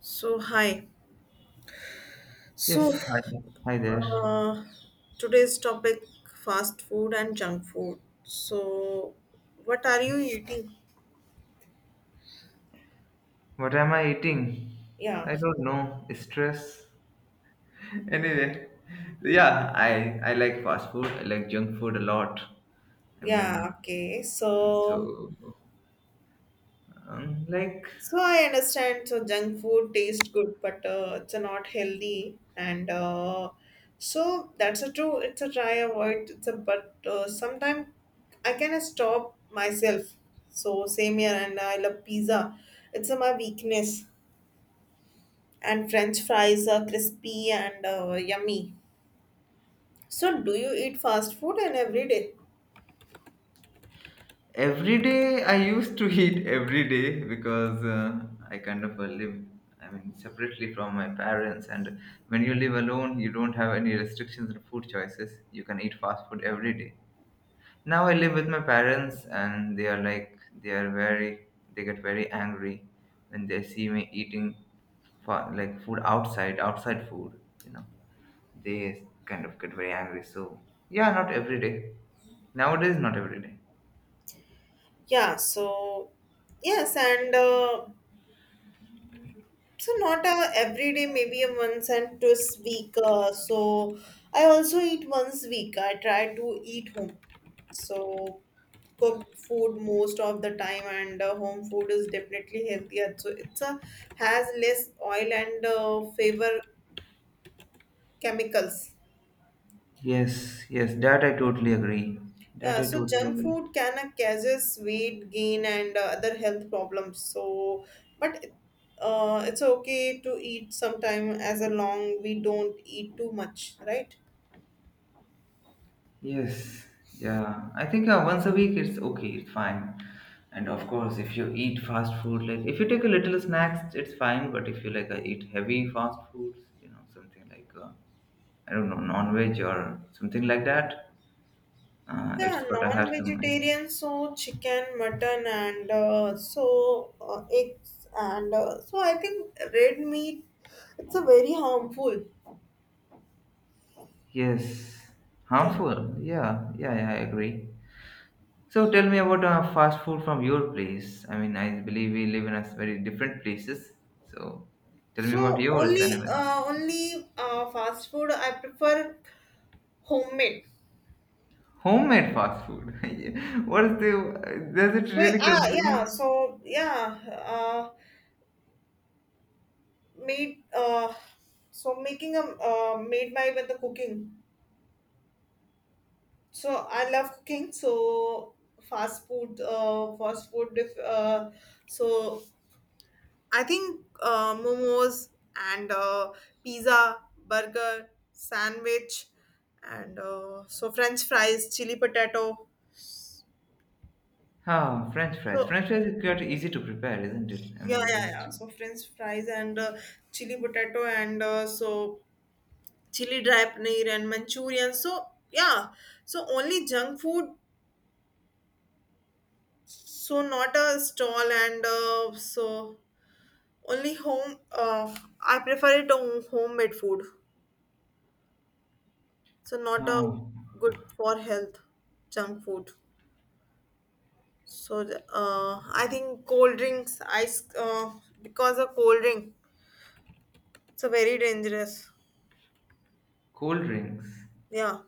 So, hi. Yes, So, hi. Hi there. uh, Today's topic, fast food and junk food. So, what are you eating? What am I eating? Yeah, I don't know. Stress. Anyway, yeah, I like fast food. I like junk food a lot. I mean, yeah, okay. So, so um, like I understand. So, junk food tastes good, but it's not healthy. And so, that's a true. It's a try avoid. It's a but sometimes I can stop myself. So, same here. And I love pizza. It's a, my weakness, and french fries are crispy and yummy. So do you eat fast food and every day? every day I used to eat every day because I kind of live. I mean, separately from my parents, and when you live alone, you don't have any restrictions on food choices. You can eat fast food every day. Now I live with my parents and they are very they get very angry when they see me eating like food outside, outside food, you know, they kind of get very angry, so yeah, not every day, nowadays not every day. Yeah, so yes, and so not a every day, maybe a once and twice week, so I also eat once week. I try to eat home, so cooked food most of the time. And home food is definitely healthier, so it's a has less oil and favor chemicals. Yes, yes, that I totally agree, that Yeah, I so totally junk agree food can causes weight gain and other health problems. So, but it's okay to eat sometime as a long we don't eat too much, right? Yes, yeah. I think once a week it's okay, it's fine. And of course, if you eat fast food, like if you take a little snacks, it's fine. But if you like eat heavy fast foods, you know, something like I don't know, non-veg or something like that, Yeah, it's gotta have some. non-vegetarian so chicken, mutton, and so eggs, and so I think red meat it's a very harmful. Yes, Yeah. harmful. Yeah, yeah, yeah, I agree. So tell me about fast food from your place. I mean, I believe we live in a very different places. So tell me about So yours, only anyway. uh, only uh, fast food I prefer homemade. Homemade fast food. What is the? Does it So really ah consider? yeah, so yeah, uh, made so making a made my with the cooking. So I love cooking. So fast food, fast food. If, so I think momos and pizza, burger, sandwich, and so French fries, chili potato. Ah, French fries. French So fries is quite easy to prepare, isn't it? I yeah, mean, you yeah, just yeah. So French fries and chili potato and so chili dry paneer and manchurian, so yeah, so only junk food. So not a stall, and so only home, I prefer it a homemade food. So not a ah, good for health junk food. So I think cold drinks ice, because of cold drink, so very dangerous. cold drinks. Yeah,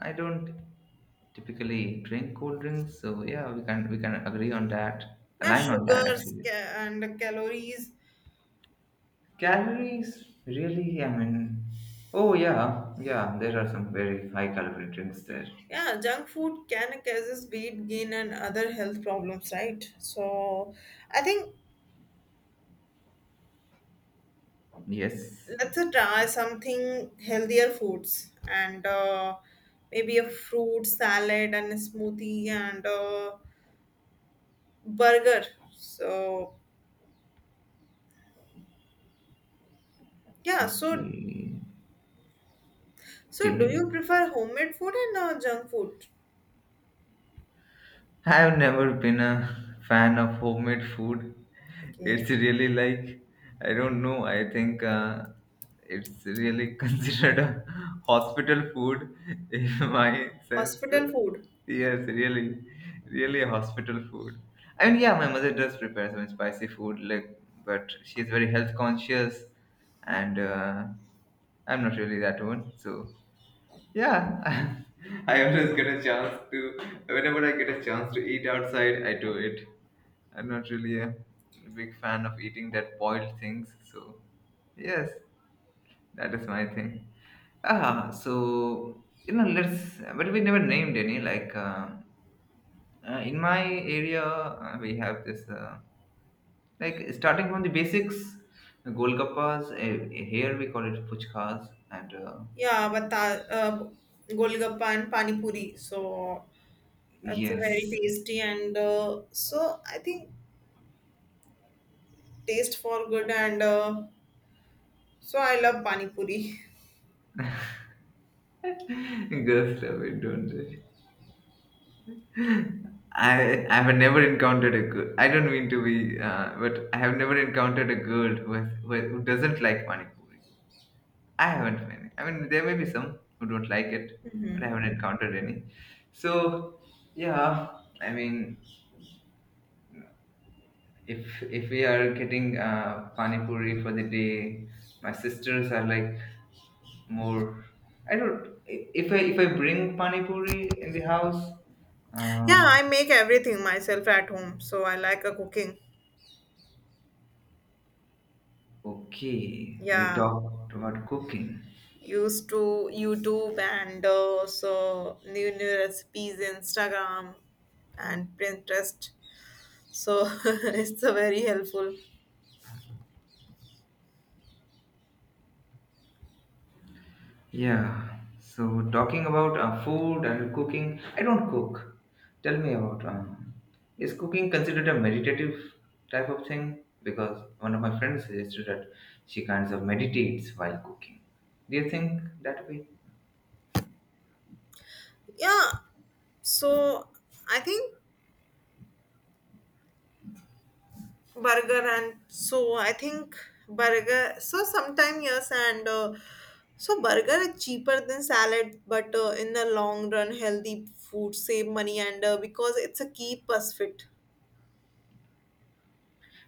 I don't typically drink cold drinks, so yeah, we can agree on that. yeah, Align on that actually. And calories. Calories, really? I mean, oh yeah, yeah. There are some very high calorie drinks there. Yeah, junk food can causes weight gain and other health problems, right? So I think Yes. let's try something healthier foods, and maybe a fruit salad and a smoothie and a burger. So yeah, so Okay. so do Okay. you prefer homemade food and junk food? I have never been a fan of homemade food. Okay, It's really like, I don't know, I think it's really considered a hospital food in my sense. hospital food. Yes, really, really a hospital food. I mean, yeah, my mother does prepare some spicy food, like, but she's very health conscious, and I'm not really that one, so yeah, I always get a chance to, whenever I get a chance to eat outside, I do it. I'm not really a big fan of eating that boiled things. So, yes, that is my thing. Ah, so, you know, let's, but we never named any. Like, in my area, we have this, like, starting from the basics, golgappas, here we call it puchkas, and Yeah, but golgappa and pani puri. So. That's very yes, tasty, and so I think taste for good, and so I love pani puri. girls love it, don't they? I have never encountered a girl. I don't mean to be, but I have never encountered a girl who, has, who doesn't like pani puri. I haven't. Many. I mean, there may be some who don't like it, but I Hmm. haven't encountered any. So yeah, I mean, if we are getting pani puri for the day, my sisters are like more. I don't. If I bring pani puri in the house, Yeah, uh, I make everything myself at home, so I like cooking. okay, we Yeah, talked about cooking. used to YouTube, and so new recipes, Instagram and Pinterest. So it's very helpful. Yeah. So talking about food and cooking, I don't cook. Tell me about is cooking considered a meditative type of thing? Because one of my friends suggested that she kinds of meditates while cooking. Do you think that way? Yeah, so I think burger, and so I think burger so sometime yes, and so burger is cheaper than salad, but in the long run healthy food save money, and because it's a keep us fit.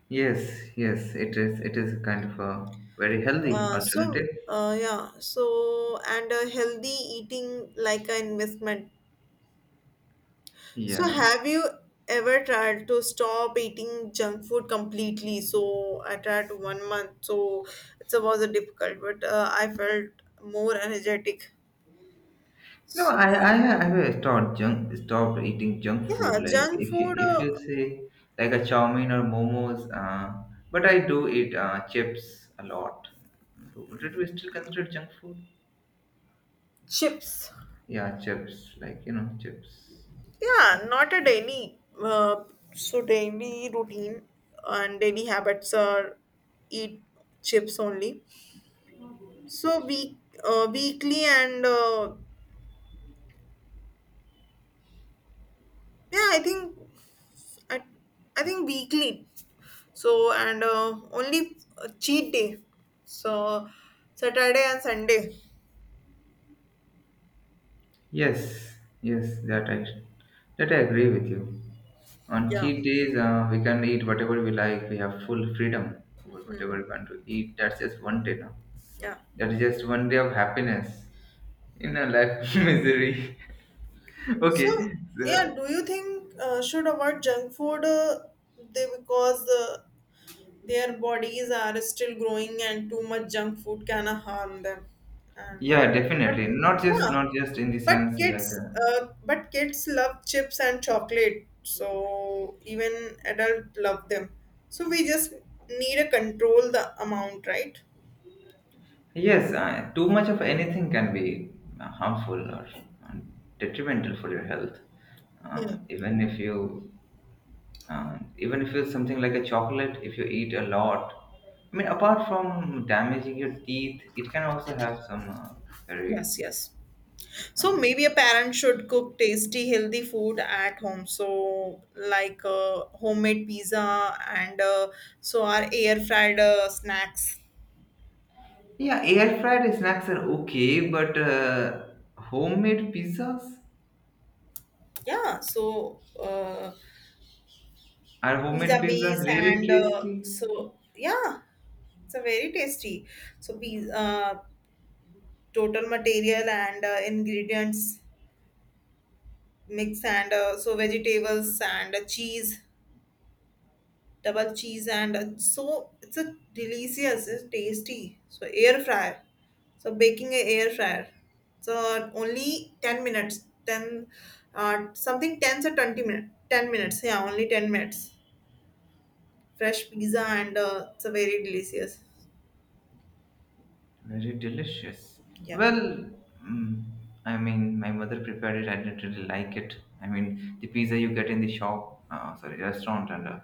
Yes, yes, it is. It is kind of a very healthy alternative. Yeah so, and healthy eating like an investment. So Yeah. have you ever tried to stop eating junk food completely? So I tried 1 month, so it was a difficult, but I felt more energetic. No, So, I stopped junk stopped eating junk food, yeah, like junk if you, food, if you say like a chow mein or momos, but I do eat chips a lot. So would it be still considered junk food? chips. Yeah, chips like you know chips. Yeah, not a daily. So daily routine and daily habits are eat chips only. So week, weekly, and yeah, I think I, I think weekly. So, and only cheat day. So Saturday and Sunday. Yes, yes, that I agree with you. On Yeah. cheat days, we can eat whatever we like. We have full freedom over whatever Hmm. we want to eat. That's just one day now. Yeah. That is just one day of happiness in a life of misery. Okay, So, yeah, so, do you think should avoid junk food, they, because their bodies are still growing and too much junk food can harm them. And yeah, but definitely not, just yeah, not just in the sense like but kids love chips and chocolate. So even adult love them. So we just need to control the amount, right? yes, too much of anything can be harmful or uh, detrimental for your health, Yeah. even if you even if it's something like a chocolate. If you eat a lot, I mean, apart from damaging your teeth, it can also have some very Yes. Yes. So uh, maybe a parent should cook tasty, healthy food at home. So like homemade pizza and so our air fried snacks. yeah. Air fried snacks are okay, but homemade pizzas, Yeah. So are homemade pizza pizzas base really and tasty? so yeah, it's a very tasty. So pizza, total material and ingredients mix, and so vegetables and cheese, double cheese, and so it's a delicious, it's tasty. So air fryer, so baking a air fryer, so only 10 minutes, 10 something 10 to 20 minutes, 10 minutes, yeah, only 10 minutes fresh pizza, and it's a very delicious. Very delicious. Yeah, Well, mm, I mean, my mother prepared it. I didn't really like it. I mean, the pizza you get in the shop, sorry, restaurant, and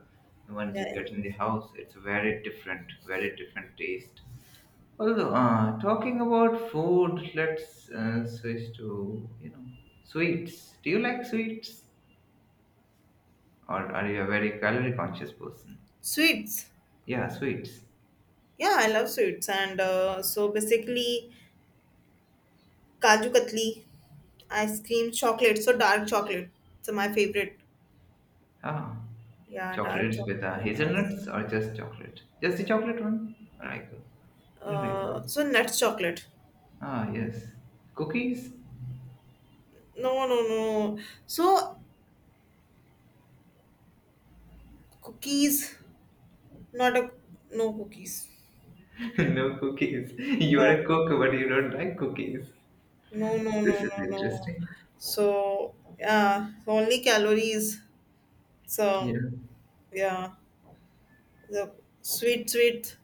the ones yeah, you yeah. get in the house, it's very different taste. Although, talking about food, let's switch to, you know, sweets. Do you like sweets? Or are you a very calorie conscious person? Sweets. Yeah, sweets. Yeah, I love sweets, and so basically kaju katli, ice cream, chocolate, so dark chocolate. So my favorite, Ah, yeah, dark chocolates with chocolate, yes. hazelnuts or just chocolate? Just the chocolate one? Like, you like that? So nuts chocolate. Ah, yes. Cookies? No, no, no. So cookies, not a, no cookies. No cookies. You are Yeah. a cook, but you don't like cookies. No, no, no, This is no, no. interesting. So yeah, only calories. Yeah. So yeah, the sweet.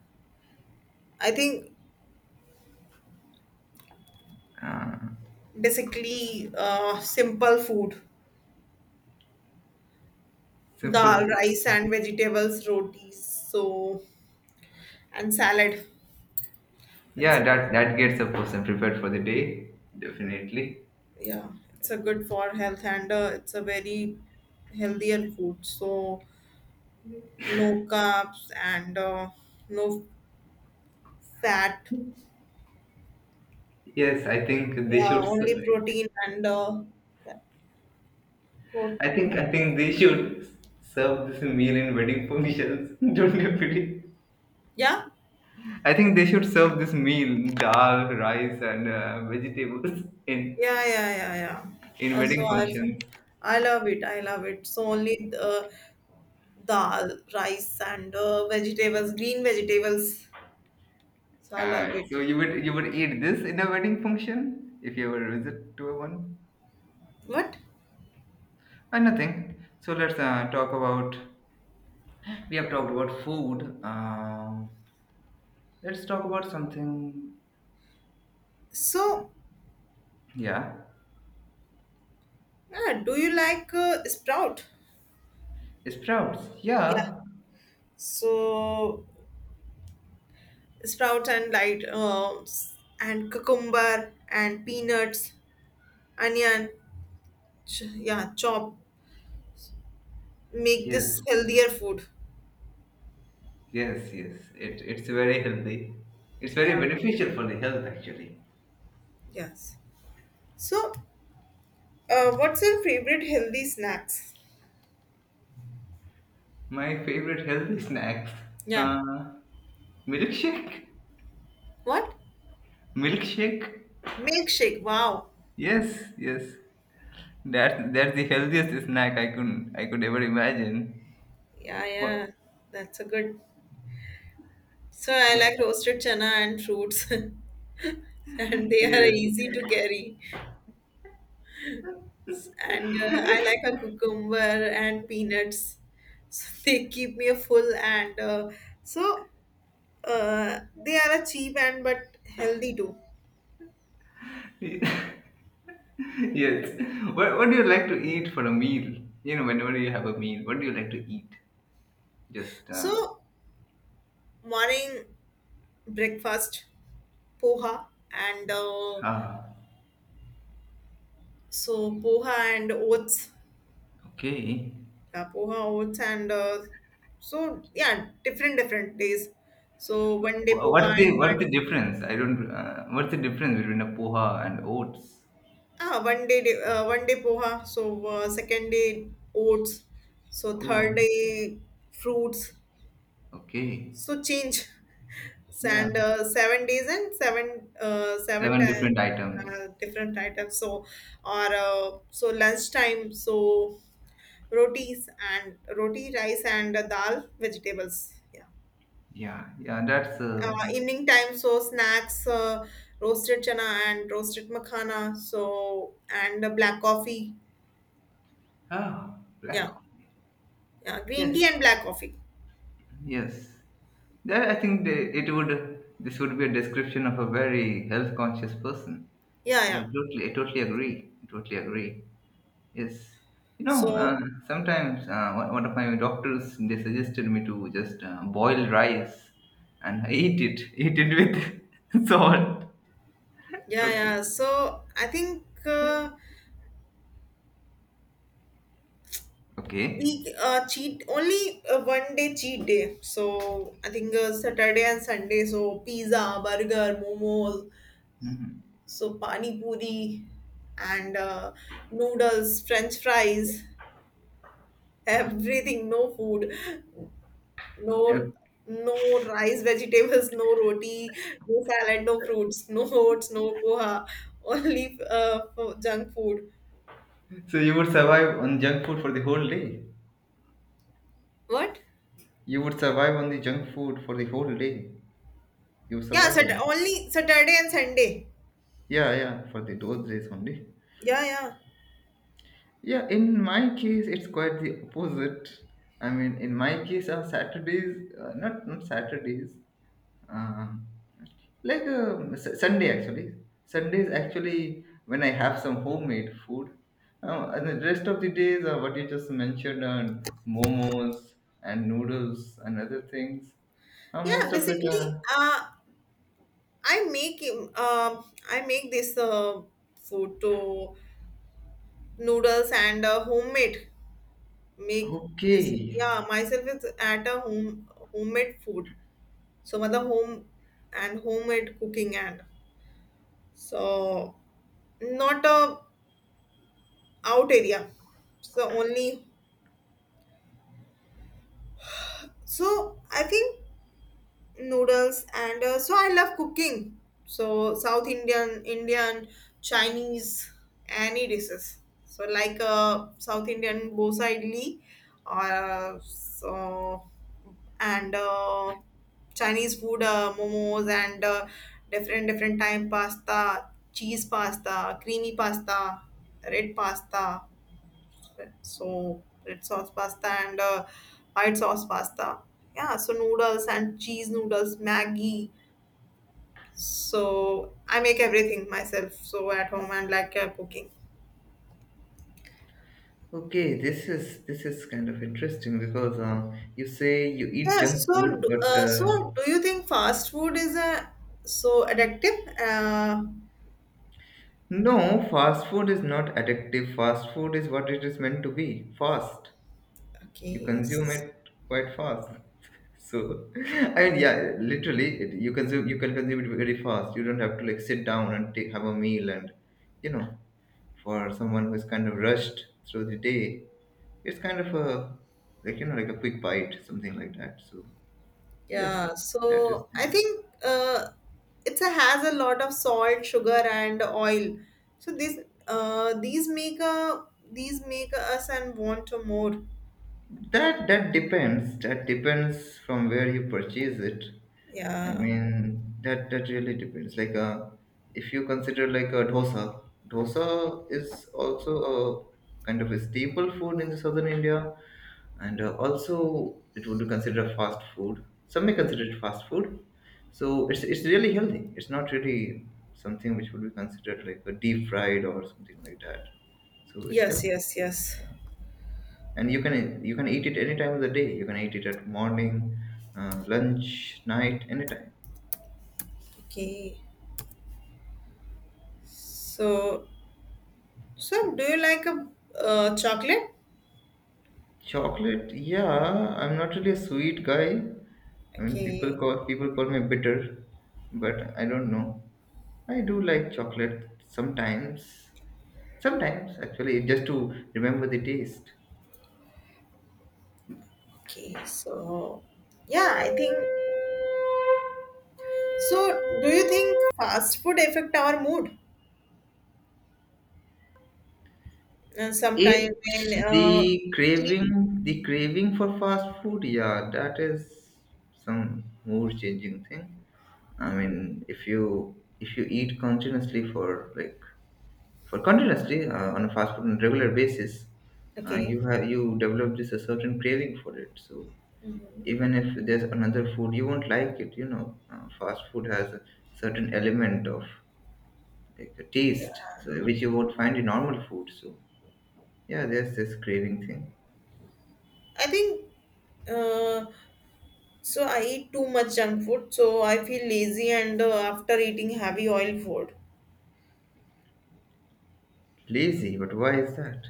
I think Ah, basically simple food, simple dal, food. rice, and vegetables, rotis. So and salad. That's Yeah, all. that that gets a person prepared for the day, definitely. Yeah, it's a good for health, and it's a very healthier food, so no carbs and no fat. Yes, I think they Yeah, should. only Ser- protein, and yeah, I think protein. I think they should serve this meal in wedding functions. Don't you believe? Yeah, I think they should serve this meal, dal, rice, and vegetables in yeah, yeah, yeah, yeah. in Uh, so wedding i functions. I love it, I love it, so only the dal, rice, and vegetables, green vegetables, so I love So it. you would eat this in a wedding function if you ever visit to a one. What? Nothing. So let's talk about. We have talked about food. Let's talk about something. So Yeah, yeah, do you like sprout? sprouts. Yeah. Yeah. So sprouts and light and cucumber and peanuts, onion, yeah, chop. Make Yes. this healthier food. Yes. Yes. It, it's very healthy. It's very Yeah. beneficial for the health actually. Yes. So, what's your favorite healthy snacks? My favorite healthy snacks. Yeah. Uh, Milkshake? What? Milkshake? Milkshake. Wow. Yes, yes. That that's the healthiest snack I could ever imagine. Yeah, yeah. What, That's a good. So I what? like roasted chana and fruits, and they are Yes. easy to carry. And I like a cucumber and peanuts. So they keep me full, and so they are a cheap and but healthy too. Yes. What do you like to eat for a meal? You know, whenever you have a meal, what do you like to eat? Just So morning breakfast poha, and ah, so poha and oats, okay. yeah, poha, oats, and so yeah, different days. So 1 day poha and What's the one. difference? I don't. What's the difference between a poha and oats? Ah, 1 day, 1 day poha. So second day oats. So third Oh, day fruits. okay. So change. Yeah, And 7 days, and seven different items. Different items. So or so lunchtime. So rotis and roti rice and dal vegetables. Yeah. Yeah, yeah. That's Evening time. So snacks. Roasted chana and roasted makhana. So and black coffee. ah, black Yeah. coffee. Yeah, green tea Yes, and black coffee. yes. There, I think they, it would. This would be a description of a very health-conscious person. Yeah, Yeah, yeah, I totally agree. I totally agree. Yes. You know, so sometimes one of my doctors they suggested me to just boil rice, and I eat it, eat it with salt. yeah, Okay. yeah, so I think Okay. we cheat only 1 day cheat day, so I think Saturday and Sunday, so pizza, burger, momos, so pani puri, and noodles, french fries, everything, no food. Yeah. No, no rice, vegetables, no roti, no salad, no fruits, no oats, no poha, only junk food. So you would survive on junk food for the whole day. What? You would survive on the junk food for the whole day. You Yeah, survive for that. only Saturday and Sunday. Yeah, yeah, for the those days only. Yeah, yeah, Yeah, in my case, it's quite the opposite. I mean, in my case, on Saturdays, not not Saturdays, um, S- Sunday actually. Sundays actually when I have some homemade food. And the rest of the days are what you just mentioned on momos and noodles and other things. Yeah. Most of it Basically, are I make um, uh, I make this food to noodles, and homemade make this. okay. Yeah, myself is at a home homemade food. So, mother home and homemade cooking and. So not a out area, so only, so I think noodles, and so I love cooking. So south indian, indian, chinese, any dishes, so like south indian bosa, idli, or so and chinese food, momos, and different time pasta, cheese pasta, creamy pasta, red pasta, so red sauce pasta, and white sauce pasta. Yeah, so noodles and cheese noodles, Maggie. So I make everything myself, so at home, and like cooking. Okay, this is kind of interesting because you say you eat Yeah. junk So food, but so do you think fast food is a so addictive? No, fast food is not addictive. Fast food is what it is meant to be, fast. You Okay. consume it quite fast. So, I mean, yeah, literally, it, you can consume it very fast. You don't have to like sit down and take, have a meal and, you know, for someone who is kind of rushed through the day, it's kind of a, like you know, like a quick bite, something like that. So. Yes, Yeah, that is so I the, think it's a, has a lot of salt, sugar, and oil. So this these make a these make us and want to more. That depends. That depends from where you purchase it. I Yeah. mean, that that really depends. Like, if you consider like a dosa, dosa is also a kind of a staple food in the southern India, and also it would be considered fast food. Some may Mhm. consider it fast food. So it's really healthy. It's not really something which would be considered like a deep fried or something like that. So it's Yes, healthy. yes, yes. Yeah. And you can eat it any time of the day. You can eat it at morning, lunch, night, anytime. Okay. So, so do you like a chocolate? Chocolate, yeah, I'm not really a sweet guy. I mean, Okay. People call me bitter, but I don't know. I do like chocolate sometimes, sometimes actually, just to remember the taste. Okay. So, yeah, I think so. Do you think fast food affect our mood? And sometimes It's when the eat. craving, the craving for fast food. Yeah, that is some mood changing thing. I mean, if you, if you eat continuously for like for continuously on a fast food on a regular basis, you Okay. have, you develop this a certain craving for it. So Mhm. even if there's another food, you won't like it. You know, fast food has a certain element of like a Yeah, taste, so which you won't find in normal food. So yeah, there's this craving thing. I think uh, so. I eat too much junk food, so I feel lazy, and after eating heavy oil food, Lazy, but why is that?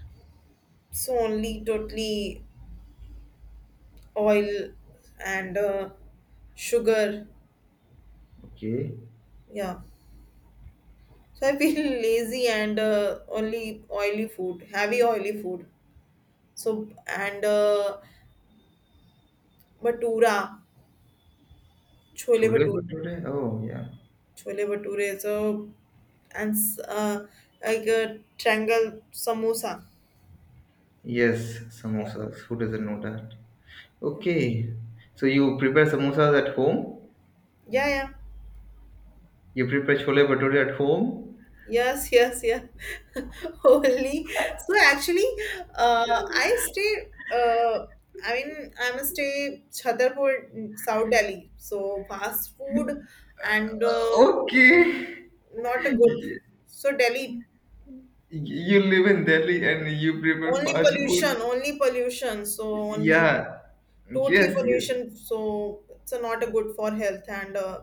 so only totally oil, and sugar. Okay, Yeah, so I feel lazy, and only oily food, heavy oily food. So and bhatura, chole bhatura, bhature. Oh yeah, chole bhature. So and like a triangle samosa. yes, Yeah. samosas. Who doesn't know that? Yeah. Okay. So you prepare samosas at home? Yeah, yeah. You prepare chole bhature at home? Yes, yes, yeah. Only, so actually, I stay. I mean, I'm a stay Chhatarpur, South Delhi. So fast food and Okay. not a good. Y- So Delhi, You live in Delhi and you prepare only fast pollution, food? only pollution. So only Yeah. totally Yes, yes. pollution. So it's not a good for health, and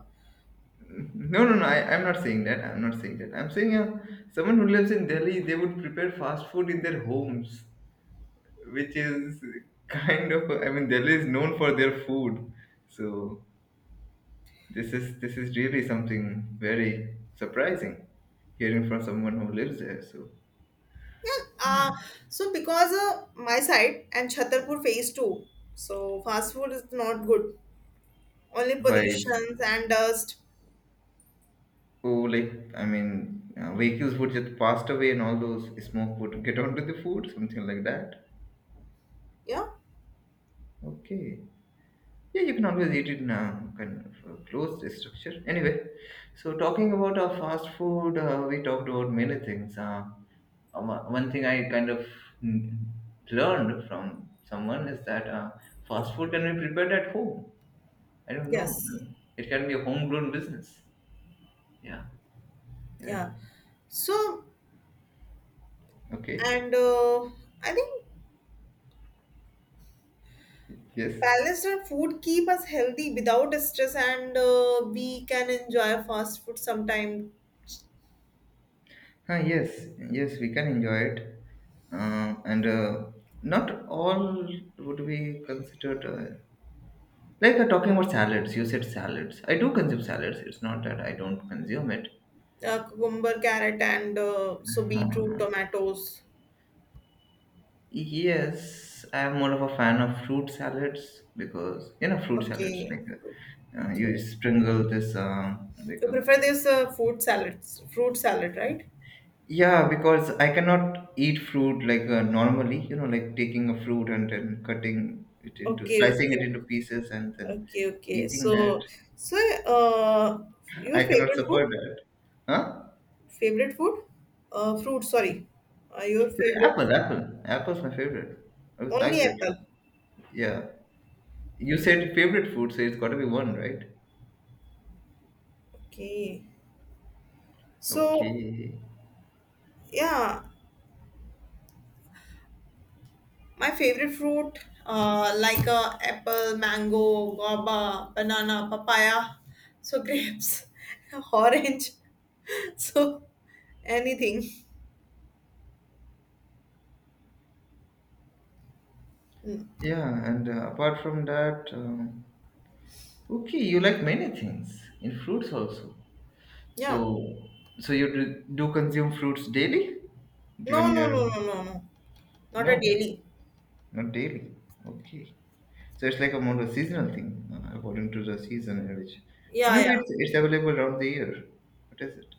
No, no, no. I'm not saying that. I'm not saying that. I'm saying someone who lives in Delhi, they would prepare fast food in their homes, which is kind of, I mean, Delhi is known for their food. So this is really something very surprising, hearing from someone who lives there. So yeah. So because my side and Chhatarpur phase two. So fast food is not good. Only vibes, pollutions and dust. oh, like I mean, vehicles would just passed away, and all those smoke would get onto the food, something like that. Yeah, Okay, yeah, you can always eat it now, kind of closed structure. Anyway, so talking about our fast food, we talked about many things. One thing I kind of mm, learned from someone is that yeah, fast food can be prepared at home. I don't know. yes, It can be a homegrown business. Yeah. Yes. yeah, so Okay. and I think Yes. balanced and food keep us healthy without stress, and we can enjoy fast food sometime. Ah, yes. Yes, we can enjoy it. And not all would be considered. Like talking about salads, you said salads. I do consume salads. It's not that I don't consume it. Cucumber, carrot, and so beetroot, tomatoes. Yes, I'm more of a fan of fruit salads because you know fruit salads Okay, like you sprinkle this like you prefer this food salads, fruit salad, right? yeah, because I cannot eat fruit like normally, you know, like taking a fruit and then cutting it into, Okay, slicing it okay, into pieces and then okay, okay, eating so that. so uh, your I cannot favorite suffer food. that. Huh? Favorite food? Fruit, sorry. Your favorite Apple, food? apple. Apple's my favorite. I always liked Only it from, apple. yeah. You Okay. said favorite food, so it's got to be one, right? Okay. So, Okay. yeah, my favorite fruit, like apple, mango, guava, banana, papaya, so grapes, orange, so anything. Mm. Yeah, and apart from that, okay, you like many things in fruits also. Yeah. So, so you do, do consume fruits daily? Given No, no, your no, no, no, no. Not a no, daily. not daily. Okay. So it's like a more a seasonal thing, according to the season in which, or Yeah, maybe yeah. it's available around the year. What is it?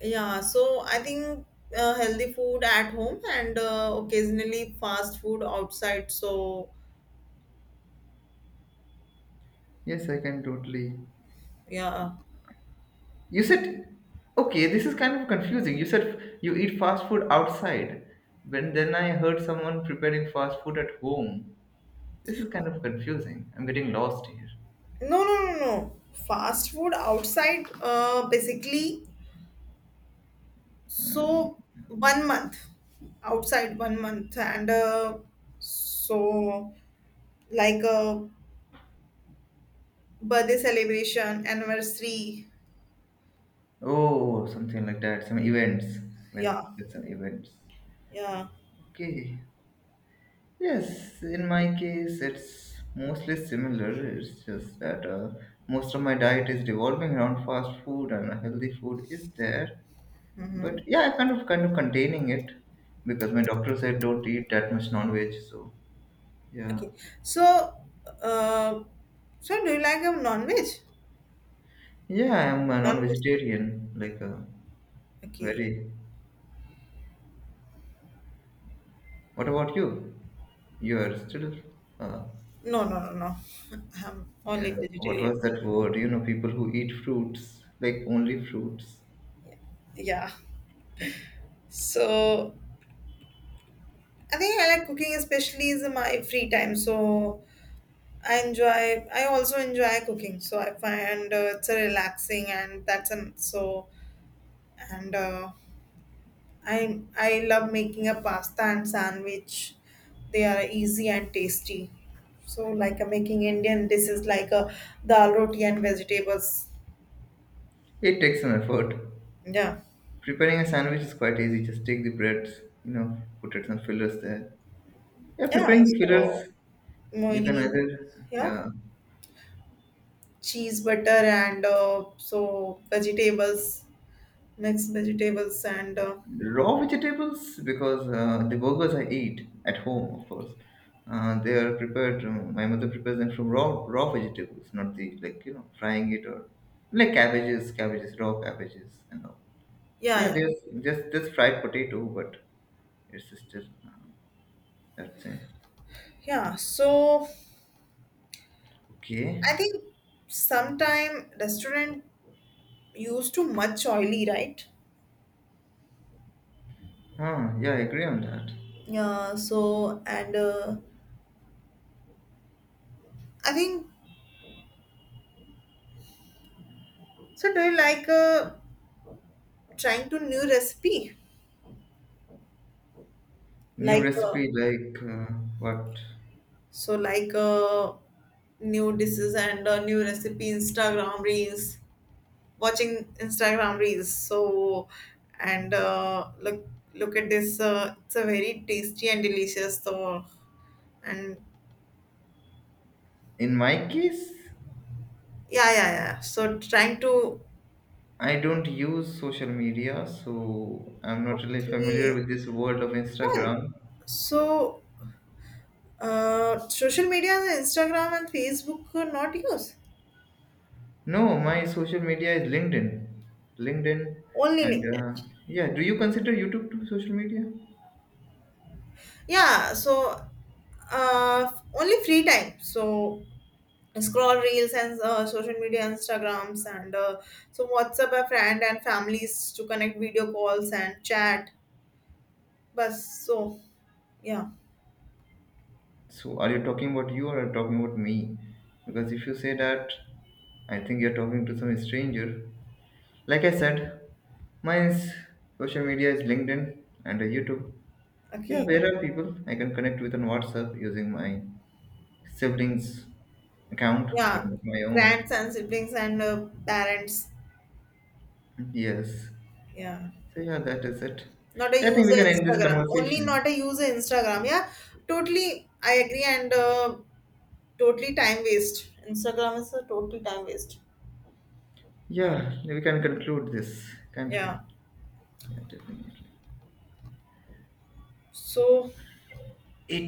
Yeah, so I think healthy food at home, and occasionally fast food outside. So, Yes, I can totally. yeah. You said, okay, this is kind of confusing. You said you eat fast food outside, when then I heard someone preparing fast food at home. This is kind of confusing. I'm getting lost here. No, no, no, no. Fast food outside, basically, so 1 month outside, 1 month. And so, like a birthday celebration, anniversary. Oh, something like that. Some events. Yeah, When it's an events. yeah. Okay. Yes, in my case, it's mostly similar. It's just that most of my diet is revolving around fast food, and healthy food is there. But Mm-hmm. yeah, I kind of containing it because my doctor said don't eat that much non-veg. So yeah, Okay. So, uh, so do you like a non-veg? yeah, I'm a Non-veg. non-vegetarian. Like Okay. very. What about you? You are still uh, No, no, no, no. I'm only yeah, what vegetarian. was that word? You know, people who eat fruits, like only fruits. Yeah. So I think I like cooking, especially is my free time. So I enjoy. I also enjoy cooking. So I find it's a relaxing, and that's an so. And I love making a pasta and sandwich. They are easy and tasty. So like I'm making Indian dishes like a dal, roti, and vegetables. It takes some effort. Yeah. Preparing a sandwich is quite easy. Just take the bread, you know, put it some fillers there. Yeah, Yeah. preparing the So fillers, you can mayonnaise, either, yeah, yeah, cheese, butter, and so vegetables, mixed vegetables, and raw vegetables because the burgers I eat at home, of course, they are prepared. My mother prepares them from raw vegetables, not the like you know frying it or like cabbages, cabbages, raw cabbages, and all. Yeah, yeah, yeah, there's just this fried potato, but your sister, that thing. yeah. So Okay. I think sometime restaurant use too much oily, right? Huh. Yeah, I agree on that. Yeah. So and I think so. Do you like trying to new recipe? New Like recipe like what? so, like new dishes, and new recipe Instagram reels. Watching Instagram reels. So, and look at this. It's a very tasty and delicious. So, and In my case, yeah, yeah, yeah. So trying to I don't use social media, so I'm not really familiar okay. with this world of Well, Instagram. so social media, Instagram and Facebook, not use, No, my social media is LinkedIn. LinkedIn, only and LinkedIn. Yeah, do you consider YouTube to social media? Yeah. So only free time. So scroll reels, and social media, instagrams, and so whatsapp a friend and families to connect, video calls and chat, but so yeah, So, are you talking about you or are you talking about me? Because if you say that, I think you're talking to some stranger. Like I said, mine's social media is LinkedIn and YouTube. Yeah, okay, where are people I can connect with on WhatsApp using my siblings' account, but yeah, not my own. friends and siblings, and parents, Yes. yeah, So yeah, that is it. not a Yeah, I think we user can end this instagram, only, conversation. not a user instagram, yeah, totally I agree, and totally time waste, instagram is a totally time waste, Yeah, we can conclude this, can't we? yeah, Yeah, definitely. so It